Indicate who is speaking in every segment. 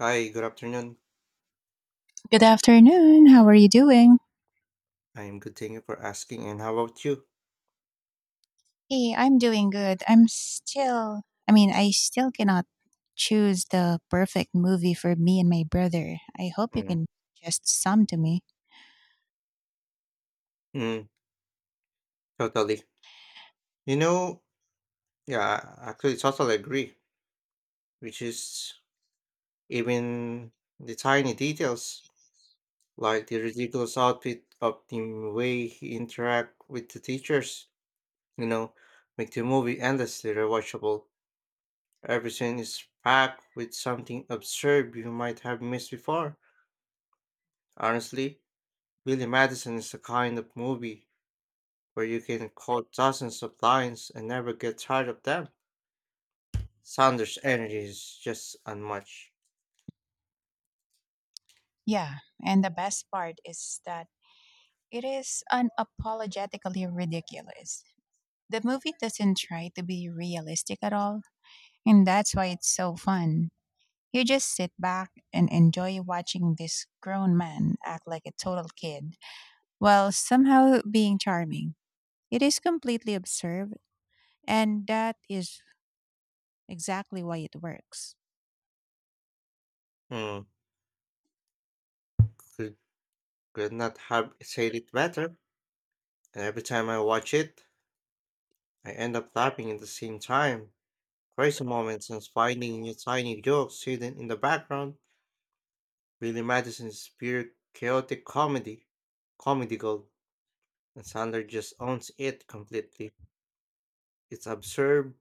Speaker 1: Hi, good afternoon.
Speaker 2: Good afternoon. How are you doing?
Speaker 1: I'm good, thank you for asking. And how about you?
Speaker 2: Hey, I'm doing good. I still cannot choose the perfect movie for me and my brother. I hope you
Speaker 1: Mm,
Speaker 2: can suggest some to me.
Speaker 1: mm, totally. You know, yeah, I actually totally agree, which is even the tiny details, like the ridiculous outfit of the way he interact with the teachers, you know, make the movie endlessly rewatchable. Every scene is packed with something absurd you might have missed before. Honestly, Billy Madison is the kind of movie where you can quote dozens of lines and never get tired of them. Sanders' energy is just unmatched.
Speaker 2: Yeah, and the best part is that it is unapologetically ridiculous. The movie doesn't try to be realistic at all, and that's why it's so fun. You just sit back and enjoy watching this grown man act like a total kid while somehow being charming. It is completely absurd, and that is exactly why it works.
Speaker 1: Hmm, could, could not have said it better. And every time I watch it, I end up laughing at the same time. Crazy moments and finding new tiny jokes hidden in the background. Billy Madison's pure chaotic comedy, comedy gold, and Sanders just owns it completely. It's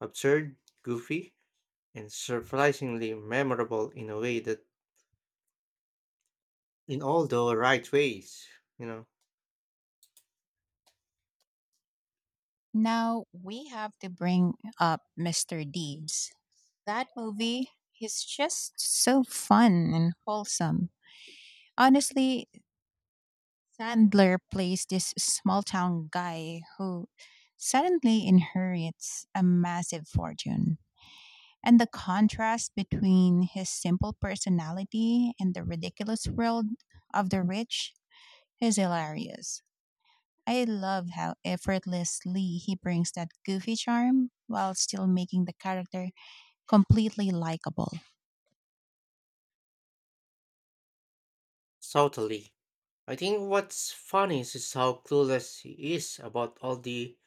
Speaker 1: absurd, goofy, and surprisingly memorable in a way that in all the right ways, you know,
Speaker 2: Now we have to bring up Mr. Deeds. That movie is just so fun and wholesome. Honestly, Sandler plays this small town guy who suddenly inherits a massive fortune. And the contrast between his simple personality and the ridiculous world of the rich is hilarious. I love how effortlessly he brings that goofy charm while still making the character completely likable.
Speaker 1: subtly. I think what's funny is how clueless he is about all the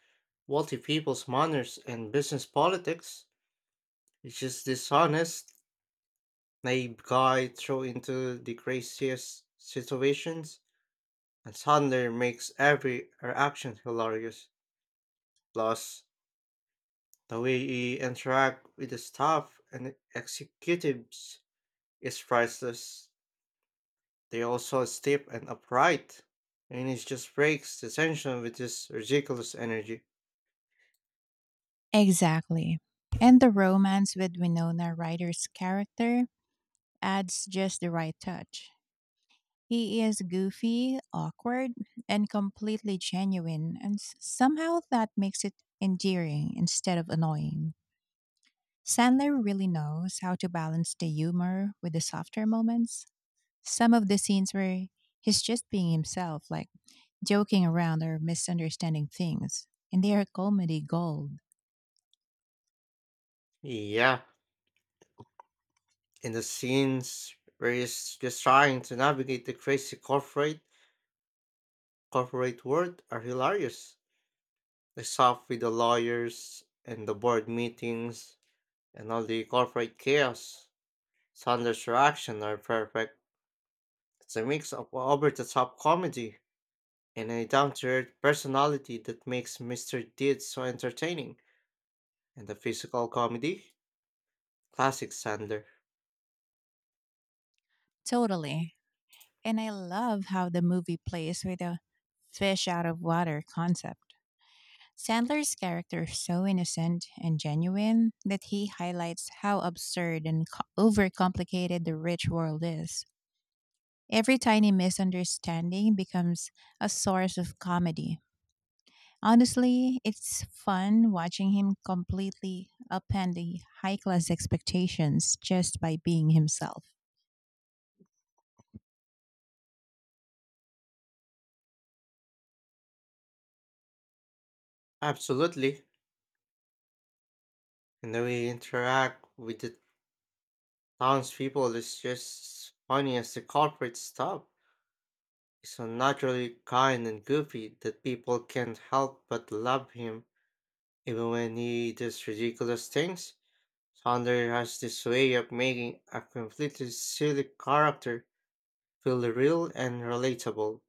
Speaker 1: wealthy people's manners and business politics. It's just dishonest, naive guy thrown into the craziest situations, and Sandler makes every reaction hilarious. Plus, the way he interacts with the staff and executives is priceless. They also stiff and upright, and it just breaks the tension with this ridiculous energy.
Speaker 2: Exactly. And the romance with Winona Ryder's character adds just the right touch. He is goofy, awkward, and completely genuine, and somehow that makes it endearing instead of annoying. Sandler really knows how to balance the humor with the softer moments. Some of the scenes where he's just being himself, like joking around or misunderstanding things, and they are comedy gold.
Speaker 1: Yeah, in the scenes where he's just trying to navigate the crazy corporate world are hilarious. The stuff with the lawyers and the board meetings and all the corporate chaos. Sanders' reaction are perfect. It's a mix of over-the-top comedy and a down-to-earth personality that makes Mr. Deeds so entertaining and the physical comedy classic Sandler.
Speaker 2: Totally. And I love how the movie plays with a fish out of water concept. Sandler's character is so innocent and genuine that he highlights how absurd and overcomplicated the rich world is. Every tiny misunderstanding becomes a source of comedy. Honestly, it's fun watching him completely upend the high class expectations just by being himself.
Speaker 1: Absolutely. And the way he interact with the townspeople is just funny as the corporate stuff. He's so naturally kind and goofy that people can't help but love him, even when he does ridiculous things. Sandler has this way of making a completely silly character feel real and relatable.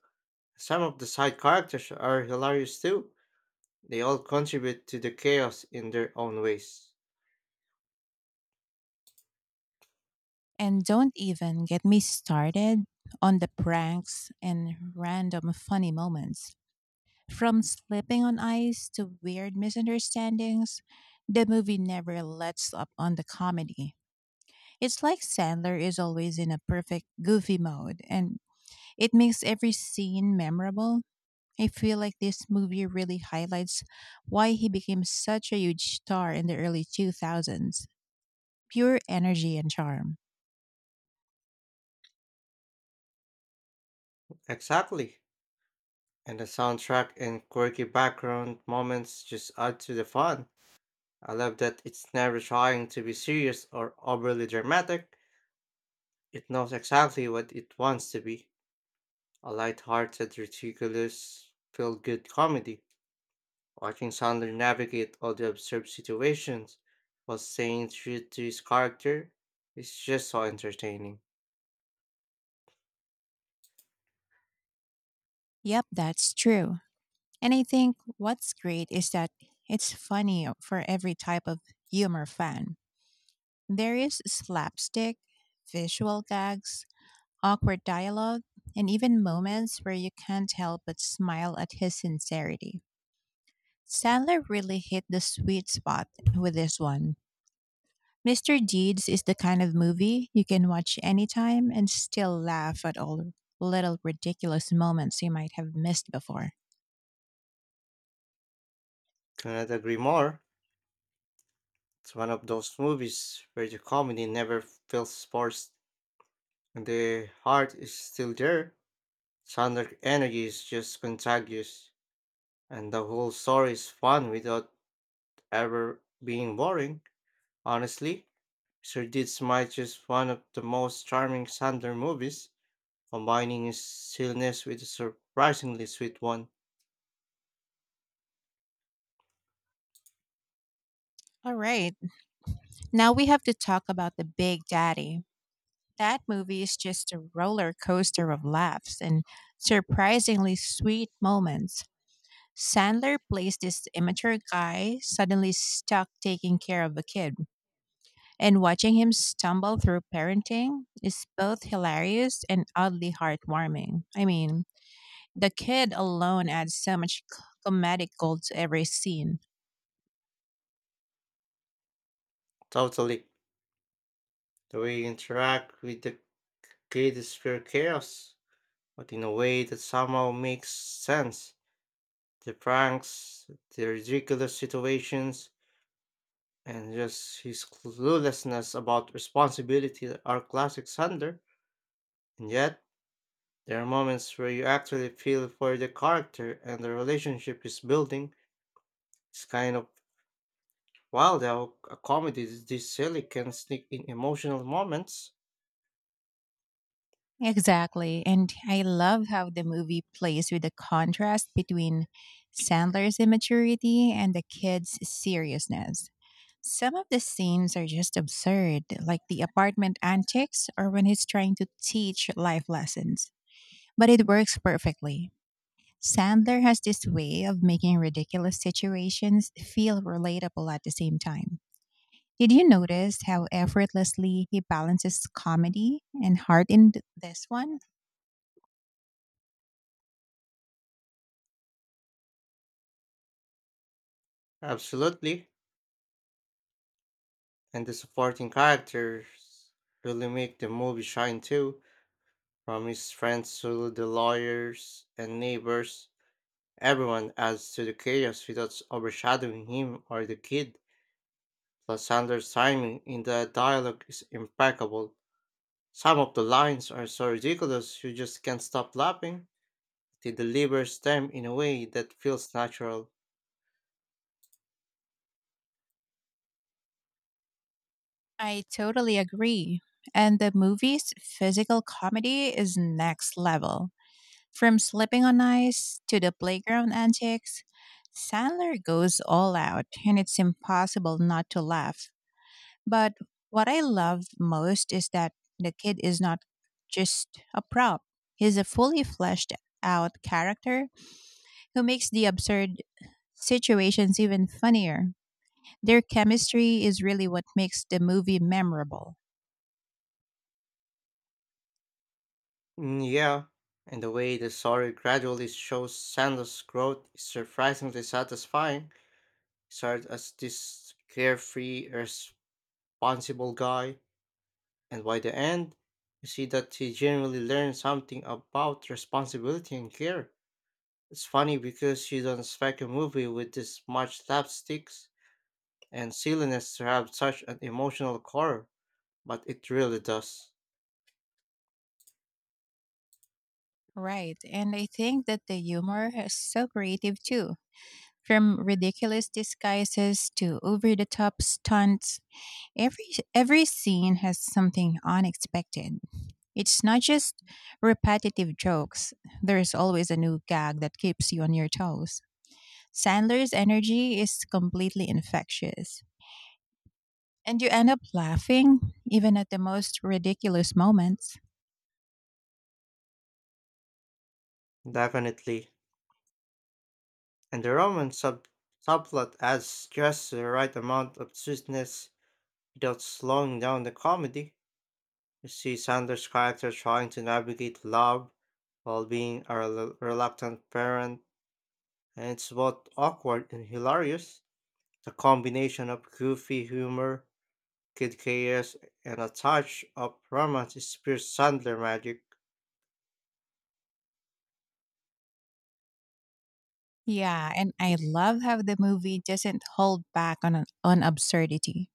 Speaker 1: Some of the side characters are hilarious too. They all contribute to the chaos in their own ways.
Speaker 2: And don't even get me started on the pranks and random funny moments. From slipping on ice to weird misunderstandings, the movie never lets up on the comedy. It's like Sandler is always in a perfect goofy mode, and it makes every scene memorable. I feel like this movie really highlights why he became such a huge star in the early 2000s, pure energy and charm.
Speaker 1: Exactly. And the soundtrack and quirky background moments just add to the fun. I love that it's never trying to be serious or overly dramatic. It knows exactly what it wants to be a light-hearted, ridiculous, feel-good comedy. Watching Sandler navigate all the absurd situations while staying true to his character is just so entertaining.
Speaker 2: Yep, that's true. And I think what's great is that it's funny for every type of humor fan. There is slapstick, visual gags, awkward dialogue, and even moments where you can't help but smile at his sincerity. Sandler really hit the sweet spot with this one. Mr. Deeds is the kind of movie you can watch anytime and still laugh at all little ridiculous moments you might have missed before.
Speaker 1: Cannot agree more. It's one of those movies where the comedy never feels forced and the heart is still there. Sonic energy is just contagious, and the whole story is fun without ever being boring. Honestly, Sir might just one of the most charming Sandler movies, combining his silliness with a surprisingly sweet one.
Speaker 2: All right, now we have to talk about the Big Daddy. That movie is just a roller coaster of laughs and surprisingly sweet moments. Sandler plays this immature guy suddenly stuck taking care of a kid, and watching him stumble through parenting is both hilarious and oddly heartwarming. I mean, the kid alone adds so much comedic gold to every scene.
Speaker 1: Totally, the way you interact with the kid is pure chaos, but in a way that somehow makes sense. The pranks, the ridiculous situations, and just his cluelessness about responsibility are classic Sander. And yet, there are moments where you actually feel for the character and the relationship he's building. It's kind of wild how a comedy this silly can sneak in emotional moments.
Speaker 2: Exactly. And I love how the movie plays with the contrast between Sandler's immaturity and the kid's seriousness. Some of the scenes are just absurd, like the apartment antics or when he's trying to teach life lessons. But it works perfectly. Sandler has this way of making ridiculous situations feel relatable at the same time. Did you notice how effortlessly he balances comedy and heart in this one?
Speaker 1: Absolutely. And the supporting characters really make the movie shine too. From his friends to the lawyers and neighbors, everyone adds to the chaos without overshadowing him or the kid. Alexander's timing in the dialogue is impeccable. Some of the lines are so ridiculous you just can't stop laughing. He delivers them in a way that feels natural.
Speaker 2: I totally agree. And the movie's physical comedy is next level. From slipping on ice to the playground antics, Sandler goes all out, and it's impossible not to laugh. But what I love most is that the kid is not just a prop, he's a fully fleshed out character who makes the absurd situations even funnier. Their chemistry is really what makes the movie memorable.
Speaker 1: Yeah, and the way the story gradually shows Sanders' growth is surprisingly satisfying. He started as this carefree, responsible guy, and by the end, you see that he genuinely learned something about responsibility and care. It's funny because you don't expect a movie with this much slapsticks and silliness to have such an emotional core, but it really does.
Speaker 2: Right. And I think that the humor is so creative too. From ridiculous disguises to over the top stunts, every every scene has something unexpected. It's not just repetitive jokes. There's always a new gag that keeps you on your toes. Sandler's energy is completely infectious. And you end up laughing even at the most ridiculous moments.
Speaker 1: Definitely. And the subplot adds just the right amount of sweetness without slowing down the comedy. You see Sanders' character trying to navigate love while being a reluctant parent, and it's both awkward and hilarious. The combination of goofy humor Kid Chaos and a touch of romance is pure Sandler magic.
Speaker 2: Yeah, and I love how the movie doesn't hold back on absurdity.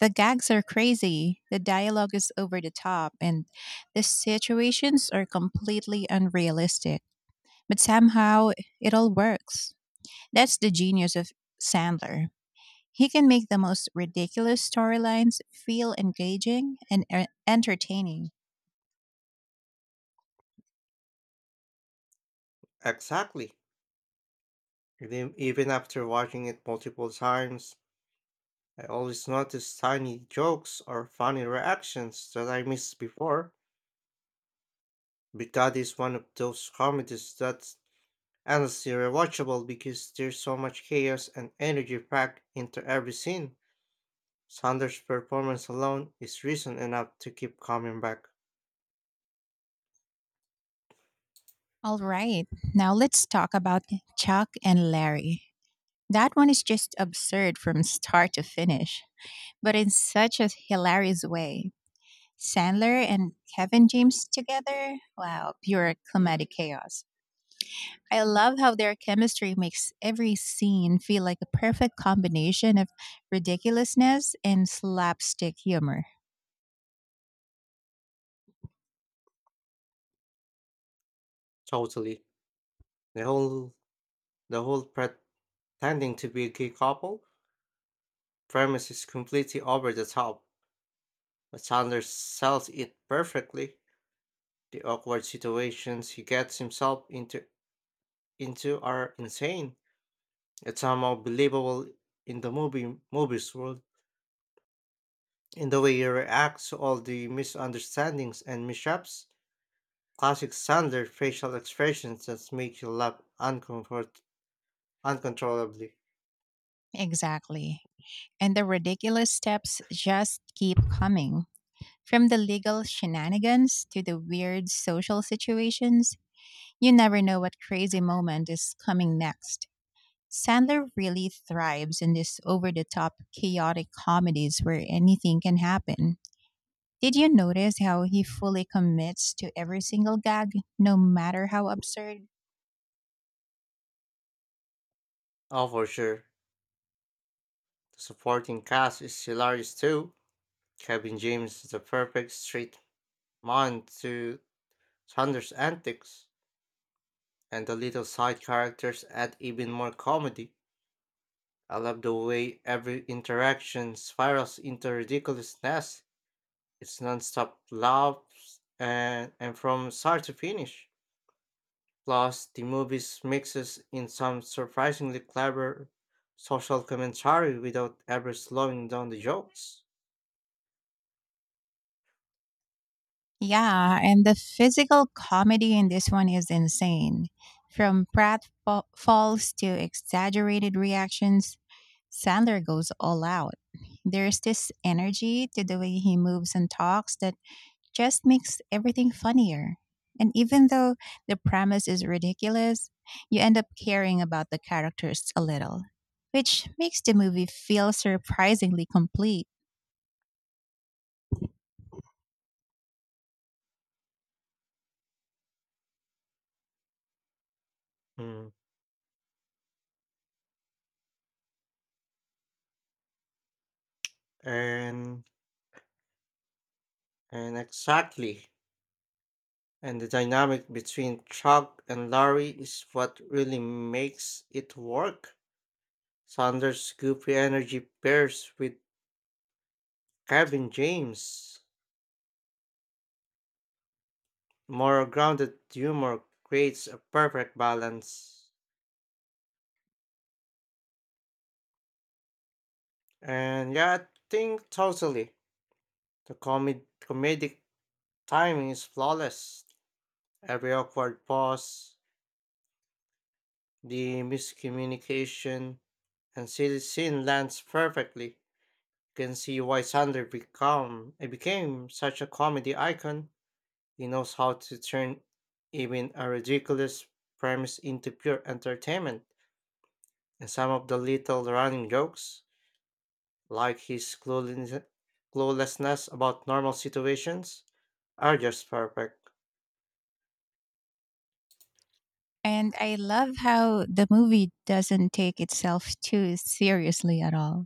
Speaker 2: The gags are crazy, the dialogue is over the top, and the situations are completely unrealistic. But somehow it all works. That's the genius of Sandler. He can make the most ridiculous storylines feel engaging and entertaining.
Speaker 1: Exactly. And then even after watching it multiple times, I always notice tiny jokes or funny reactions that I missed before. But that is one of those comedies that's endlessly rewatchable because there's so much chaos and energy packed into every scene. Sanders' performance alone is reason enough to keep coming back.
Speaker 2: All right, now let's talk about Chuck and Larry. That one is just absurd from start to finish, but in such a hilarious way. Sandler and Kevin James together? Wow, pure comedic chaos. I love how their chemistry makes every scene feel like a perfect combination of ridiculousness and slapstick humor.
Speaker 1: Totally. The whole the whole tending to be a gay couple, premise is completely over the top, but Sanders sells it perfectly. The awkward situations he gets himself into are insane. It's somehow believable in the movies world. In the way he reacts to all the misunderstandings and mishaps, classic Sanders facial expressions that make you laugh uncontrollably.
Speaker 2: Exactly. And the ridiculous steps just keep coming. From the legal shenanigans to the weird social situations, you never know what crazy moment is coming next. Sandler really thrives in these over the top chaotic comedies where anything can happen. Did you notice how he fully commits to every single gag, no matter how absurd?
Speaker 1: Oh, for sure. The supporting cast is hilarious too. Kevin James is the perfect straight Mind to Chandler's antics, and the little side characters add even more comedy. I love the way every interaction spirals into ridiculousness. It's nonstop laughs and from start to finish. Plus, the movies mixes in some surprisingly clever social commentary without ever slowing down the jokes.
Speaker 2: Yeah, and the physical comedy in this one is insane. From falls to exaggerated reactions, Sandler goes all out. There's this energy to the way he moves and talks that just makes everything funnier. And even though the premise is ridiculous, you end up caring about the characters a little, which makes the movie feel surprisingly complete.
Speaker 1: Mm. And and exactly. And the dynamic between Chuck and Larry is what really makes it work. Sanders' goofy energy pairs with Kevin James' more grounded humor creates a perfect balance. And yeah, I think totally. The comedic timing is flawless. Every awkward pause, the miscommunication, and silly scene lands perfectly. Can see why Sandler become it became such a comedy icon. He knows how to turn even a ridiculous premise into pure entertainment. And some of the little running jokes, like his cluelessness about normal situations, are just perfect.
Speaker 2: And I love how the movie doesn't take itself too seriously at all.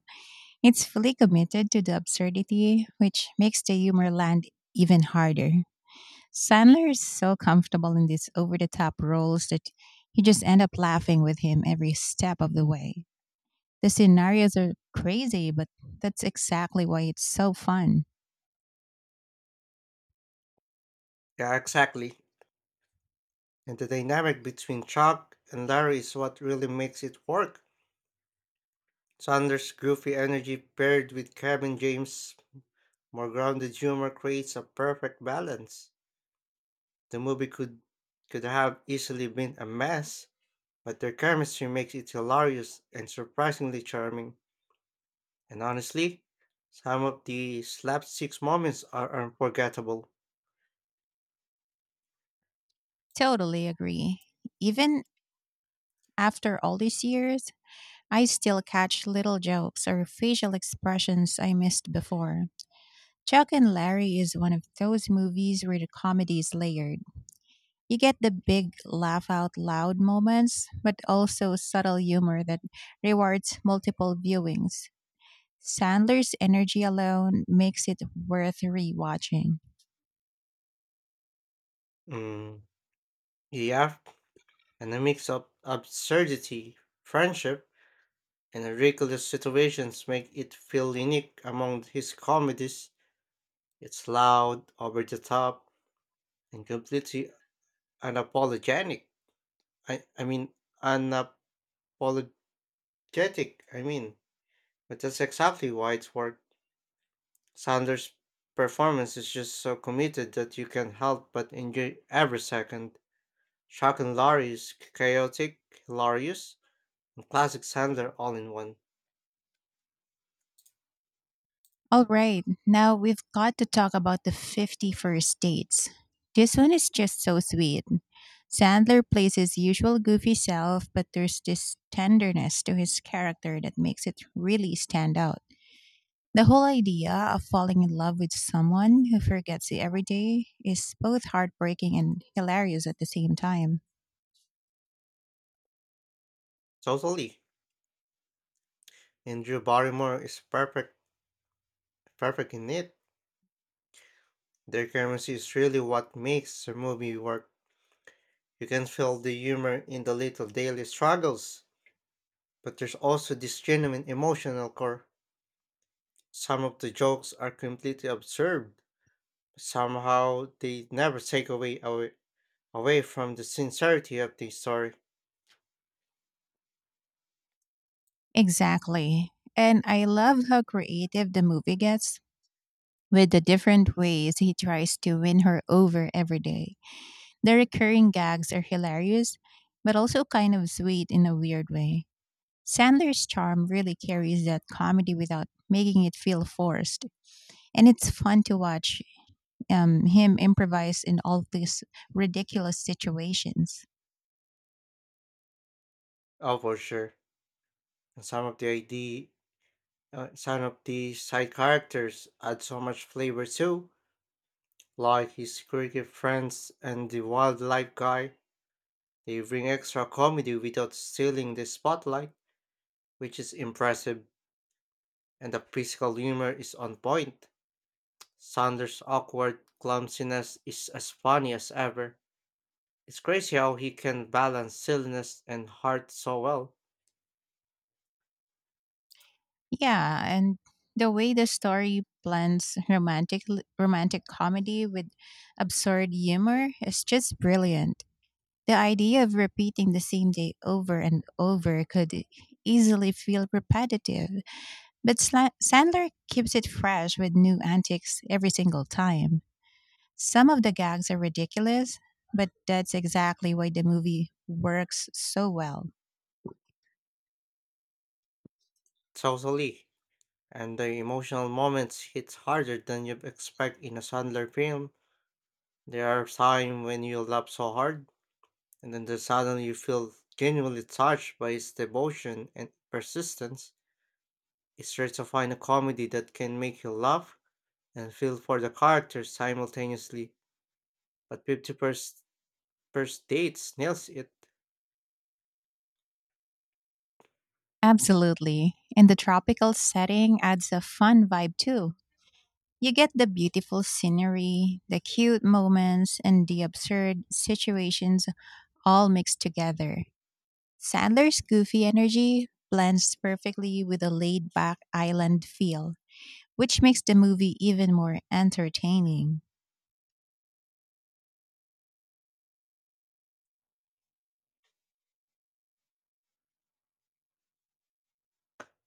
Speaker 2: It's fully committed to the absurdity, which makes the humor land even harder. Sandler is so comfortable in these over the top roles that you just end up laughing with him every step of the way. The scenarios are crazy, but that's exactly why it's so fun.
Speaker 1: Yeah, exactly. And the dynamic between Chuck and Larry is what really makes it work. Sanders' goofy energy paired with Kevin James' more grounded humor creates a perfect balance. The movie could have easily been a mess, but their chemistry makes it hilarious and surprisingly charming. And honestly, some of the slapstick moments are unforgettable.
Speaker 2: Totally agree. Even after all these years, I still catch little jokes or facial expressions I missed before. Chuck and Larry is one of those movies where the comedy is layered. You get the big laugh out loud moments, but also subtle humor that rewards multiple viewings. Sandler's energy alone makes it worth rewatching.
Speaker 1: Mm, yeah, and a mix of absurdity, friendship, and ridiculous situations make it feel unique among his comedies. It's loud, over the top, and completely unapologetic. I, I mean, unapologetic. I mean, But that's exactly why it's worked. Sanders' performance is just so committed that you can't help but enjoy every second. Shock and Larry is chaotic, hilarious, and classic Sander all in one.
Speaker 2: All right, now we've got to talk about the 51st dates. This one is just so sweet. Sandler plays his usual goofy self, but there's this tenderness to his character that makes it really stand out. The whole idea of falling in love with someone who forgets you every day is both heartbreaking and hilarious at the same time.
Speaker 1: Totally. And Drew Barrymore is perfect in it. Their chemistry is really what makes the movie work. You can feel the humor in the little daily struggles, but there's also this genuine emotional core. Some of the jokes are completely absurd. Somehow they never away from the sincerity of the story.
Speaker 2: Exactly. And I love how creative the movie gets with the different ways he tries to win her over every day. The recurring gags are hilarious, but also kind of sweet in a weird way. Sandler's charm really carries that comedy without making it feel forced, and it's fun to watch him improvise in all these ridiculous situations.
Speaker 1: Oh, for sure. And some of the some of the side characters add so much flavor too, like his cricket friends and the wildlife guy. They bring extra comedy without stealing the spotlight, which is impressive, and the physical humor is on point. Sanders' awkward clumsiness is as funny as ever. It's crazy how he can balance silliness and heart so well.
Speaker 2: Yeah, and the way the story blends romantic comedy with absurd humor is just brilliant. The idea of repeating the same day over and over could easily feel repetitive, but Sandler keeps it fresh with new antics every single time. Some of the gags are ridiculous, but that's exactly why the movie works so well.
Speaker 1: Totally. And the emotional moments hit harder than you'd expect in a Sandler film. There are times when you laugh so hard, and then the suddenly you feel genuinely touched by his devotion and persistence. It's rare to find a comedy that can make you laugh and feel for the characters simultaneously, but 50 First Dates nails it.
Speaker 2: Absolutely. And the tropical setting adds a fun vibe too. You get the beautiful scenery, the cute moments, and the absurd situations all mixed together. Sandler's goofy energy blends perfectly with a laid back island feel, which makes the movie even more entertaining.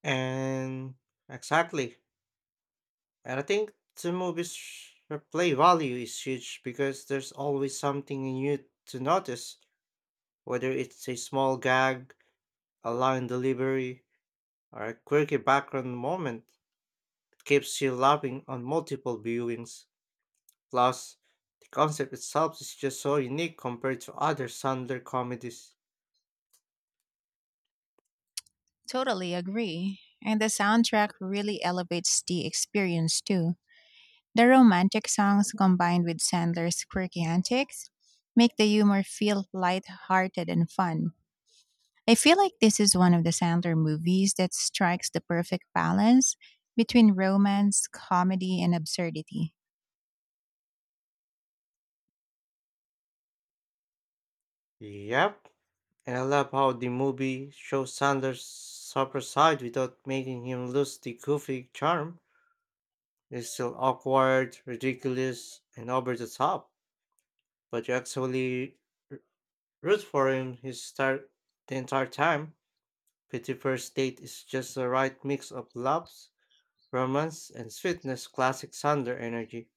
Speaker 1: And exactly, and I think the movie's replay value is huge because there's always something new to notice, whether it's a small gag, a line delivery, or a quirky background moment. It keeps you laughing on multiple viewings. Plus, the concept itself is just so unique compared to other Sandler comedies.
Speaker 2: Totally agree. And the soundtrack really elevates the experience too. The romantic songs combined with Sandler's quirky antics make the humor feel lighthearted and fun. I feel like this is one of the Sandler movies that strikes the perfect balance between romance, comedy, and absurdity.
Speaker 1: Yep, and I love how the movie shows Sandler's super side without making him lose the goofy charm. It's still awkward, ridiculous, and over the top, but you actually r- root for him his start the entire time. Pretty First Date is just the right mix of loves, romance, and sweetness classic Sandler energy.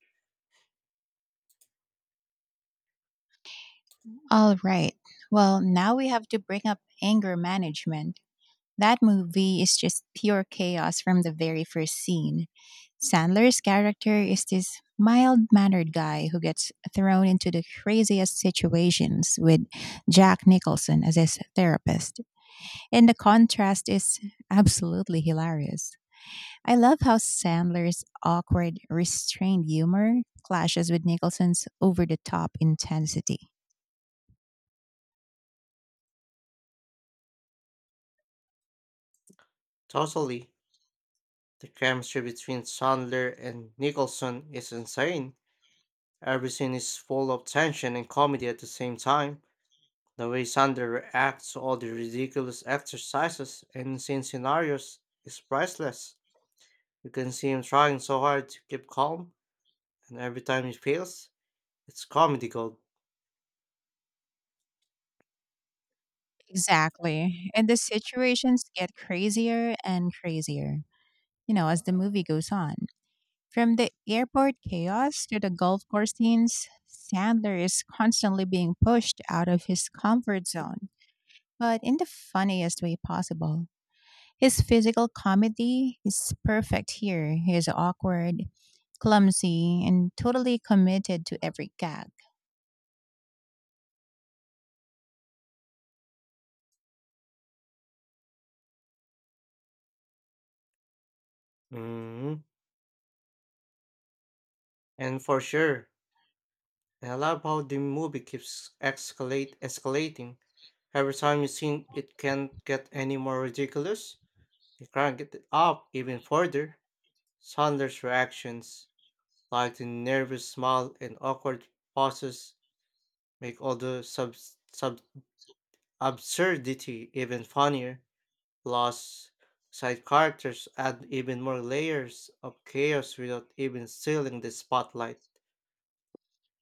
Speaker 2: All right. Well, now we have to bring up anger management. That movie is just pure chaos from the very first scene. Sandler's character is this mild mannered guy who gets thrown into the craziest situations with Jack Nicholson as his therapist. And the contrast is absolutely hilarious. I love how Sandler's awkward, restrained humor clashes with Nicholson's over the top intensity.
Speaker 1: Totally. The chemistry between Sandler and Nicholson is insane. Every scene is full of tension and comedy at the same time. The way Sandler reacts to all the ridiculous exercises and insane scenarios is priceless. You can see him trying so hard to keep calm, and every time he fails, it's comedy gold.
Speaker 2: Exactly. And the situations get crazier and crazier, as the movie goes on. From the airport chaos to the golf course scenes, Sandler is constantly being pushed out of his comfort zone, but in the funniest way possible. His physical comedy is perfect here. He is awkward, clumsy, and totally committed to every gag.
Speaker 1: Hmm. And for sure, and I love how the movie keeps escalate escalating. Every time you think it can't get any more ridiculous, they crank it up even further. Sandler's reactions, like the nervous smile and awkward pauses, make all the sub, sub absurdity even funnier. Plus side characters add even more layers of chaos without even stealing the spotlight.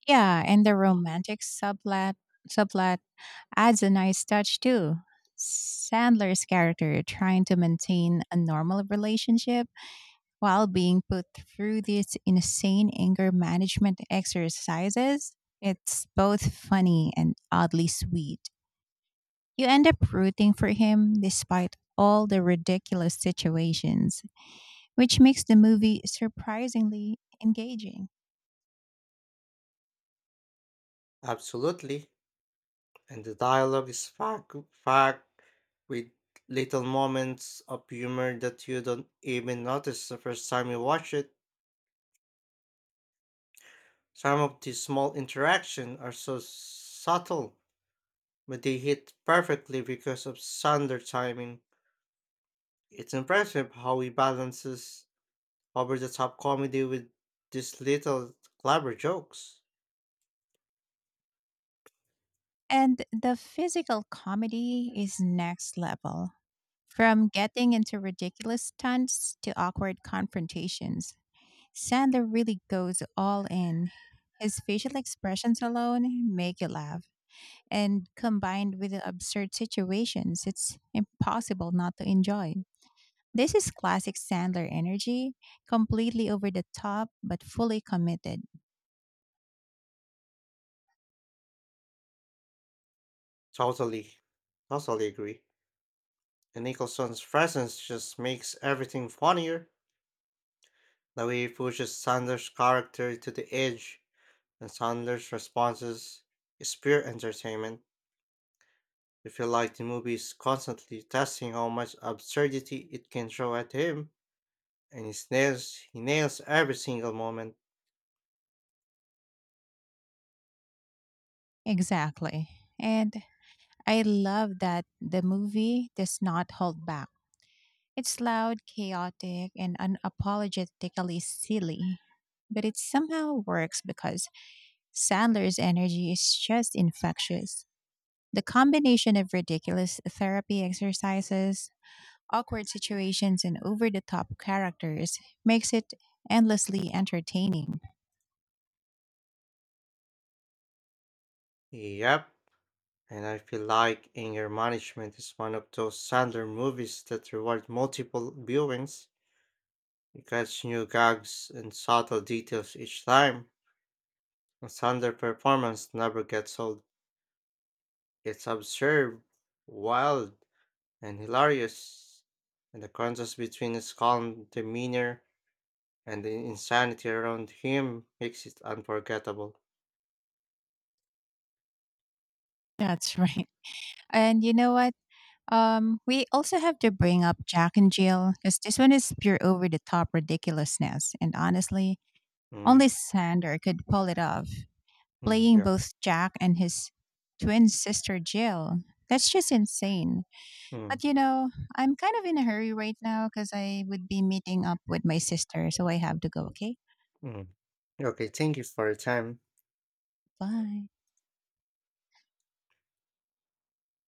Speaker 2: Yeah, and the romantic subplot subplot adds a nice touch too. Sandler's character trying to maintain a normal relationship while being put through these insane anger management exercises, it's both funny and oddly sweet. You end up rooting for him despite all the ridiculous situations, which makes the movie surprisingly engaging.
Speaker 1: Absolutely. And the dialogue is packed with little moments of humor that you don't even notice the first time you watch it. Some of these small interactions are so subtle, but they hit perfectly because of Sunder timing. It's impressive how he balances over the top comedy with these little clever jokes.
Speaker 2: And the physical comedy is next level. From getting into ridiculous stunts to awkward confrontations, Sandler really goes all in. His facial expressions alone make you laugh, and combined with the absurd situations, it's impossible not to enjoy. This is classic Sandler energy, completely over the top but fully committed.
Speaker 1: Totally. Totally agree. And Nicholson's presence just makes everything funnier. The way he pushes Sanders' character to the edge and Sanders' responses is pure entertainment. I feel like the movie is constantly testing how much absurdity it can throw at him, and he nails every single moment.
Speaker 2: Exactly. And I love that the movie does not hold back. It's loud, chaotic, and unapologetically silly, but it somehow works because Sandler's energy is just infectious. The combination of ridiculous therapy exercises, awkward situations, and over the top characters makes it endlessly entertaining.
Speaker 1: Yep. And I feel like Anger Management is one of those Sandler movies that reward multiple viewings. You catch new gags and subtle details each time. And Sandler performance never gets old. It's absurd, wild, and hilarious. And the contrast between his calm demeanor and the insanity around him makes it unforgettable.
Speaker 2: That's right. And you know what? We also have to bring up Jack and Jill because this one is pure over the top ridiculousness. And honestly,
Speaker 1: Mm,
Speaker 2: only Sander could pull it off, playing
Speaker 1: yeah.
Speaker 2: both Jack and his twin sister Jill. That's just insane.
Speaker 1: Mm,
Speaker 2: But you know, I'm kind of in a hurry right now because I would be meeting up with my sister, so I have to go. Okay,
Speaker 1: mm. Okay, thank you for your time.
Speaker 2: bye.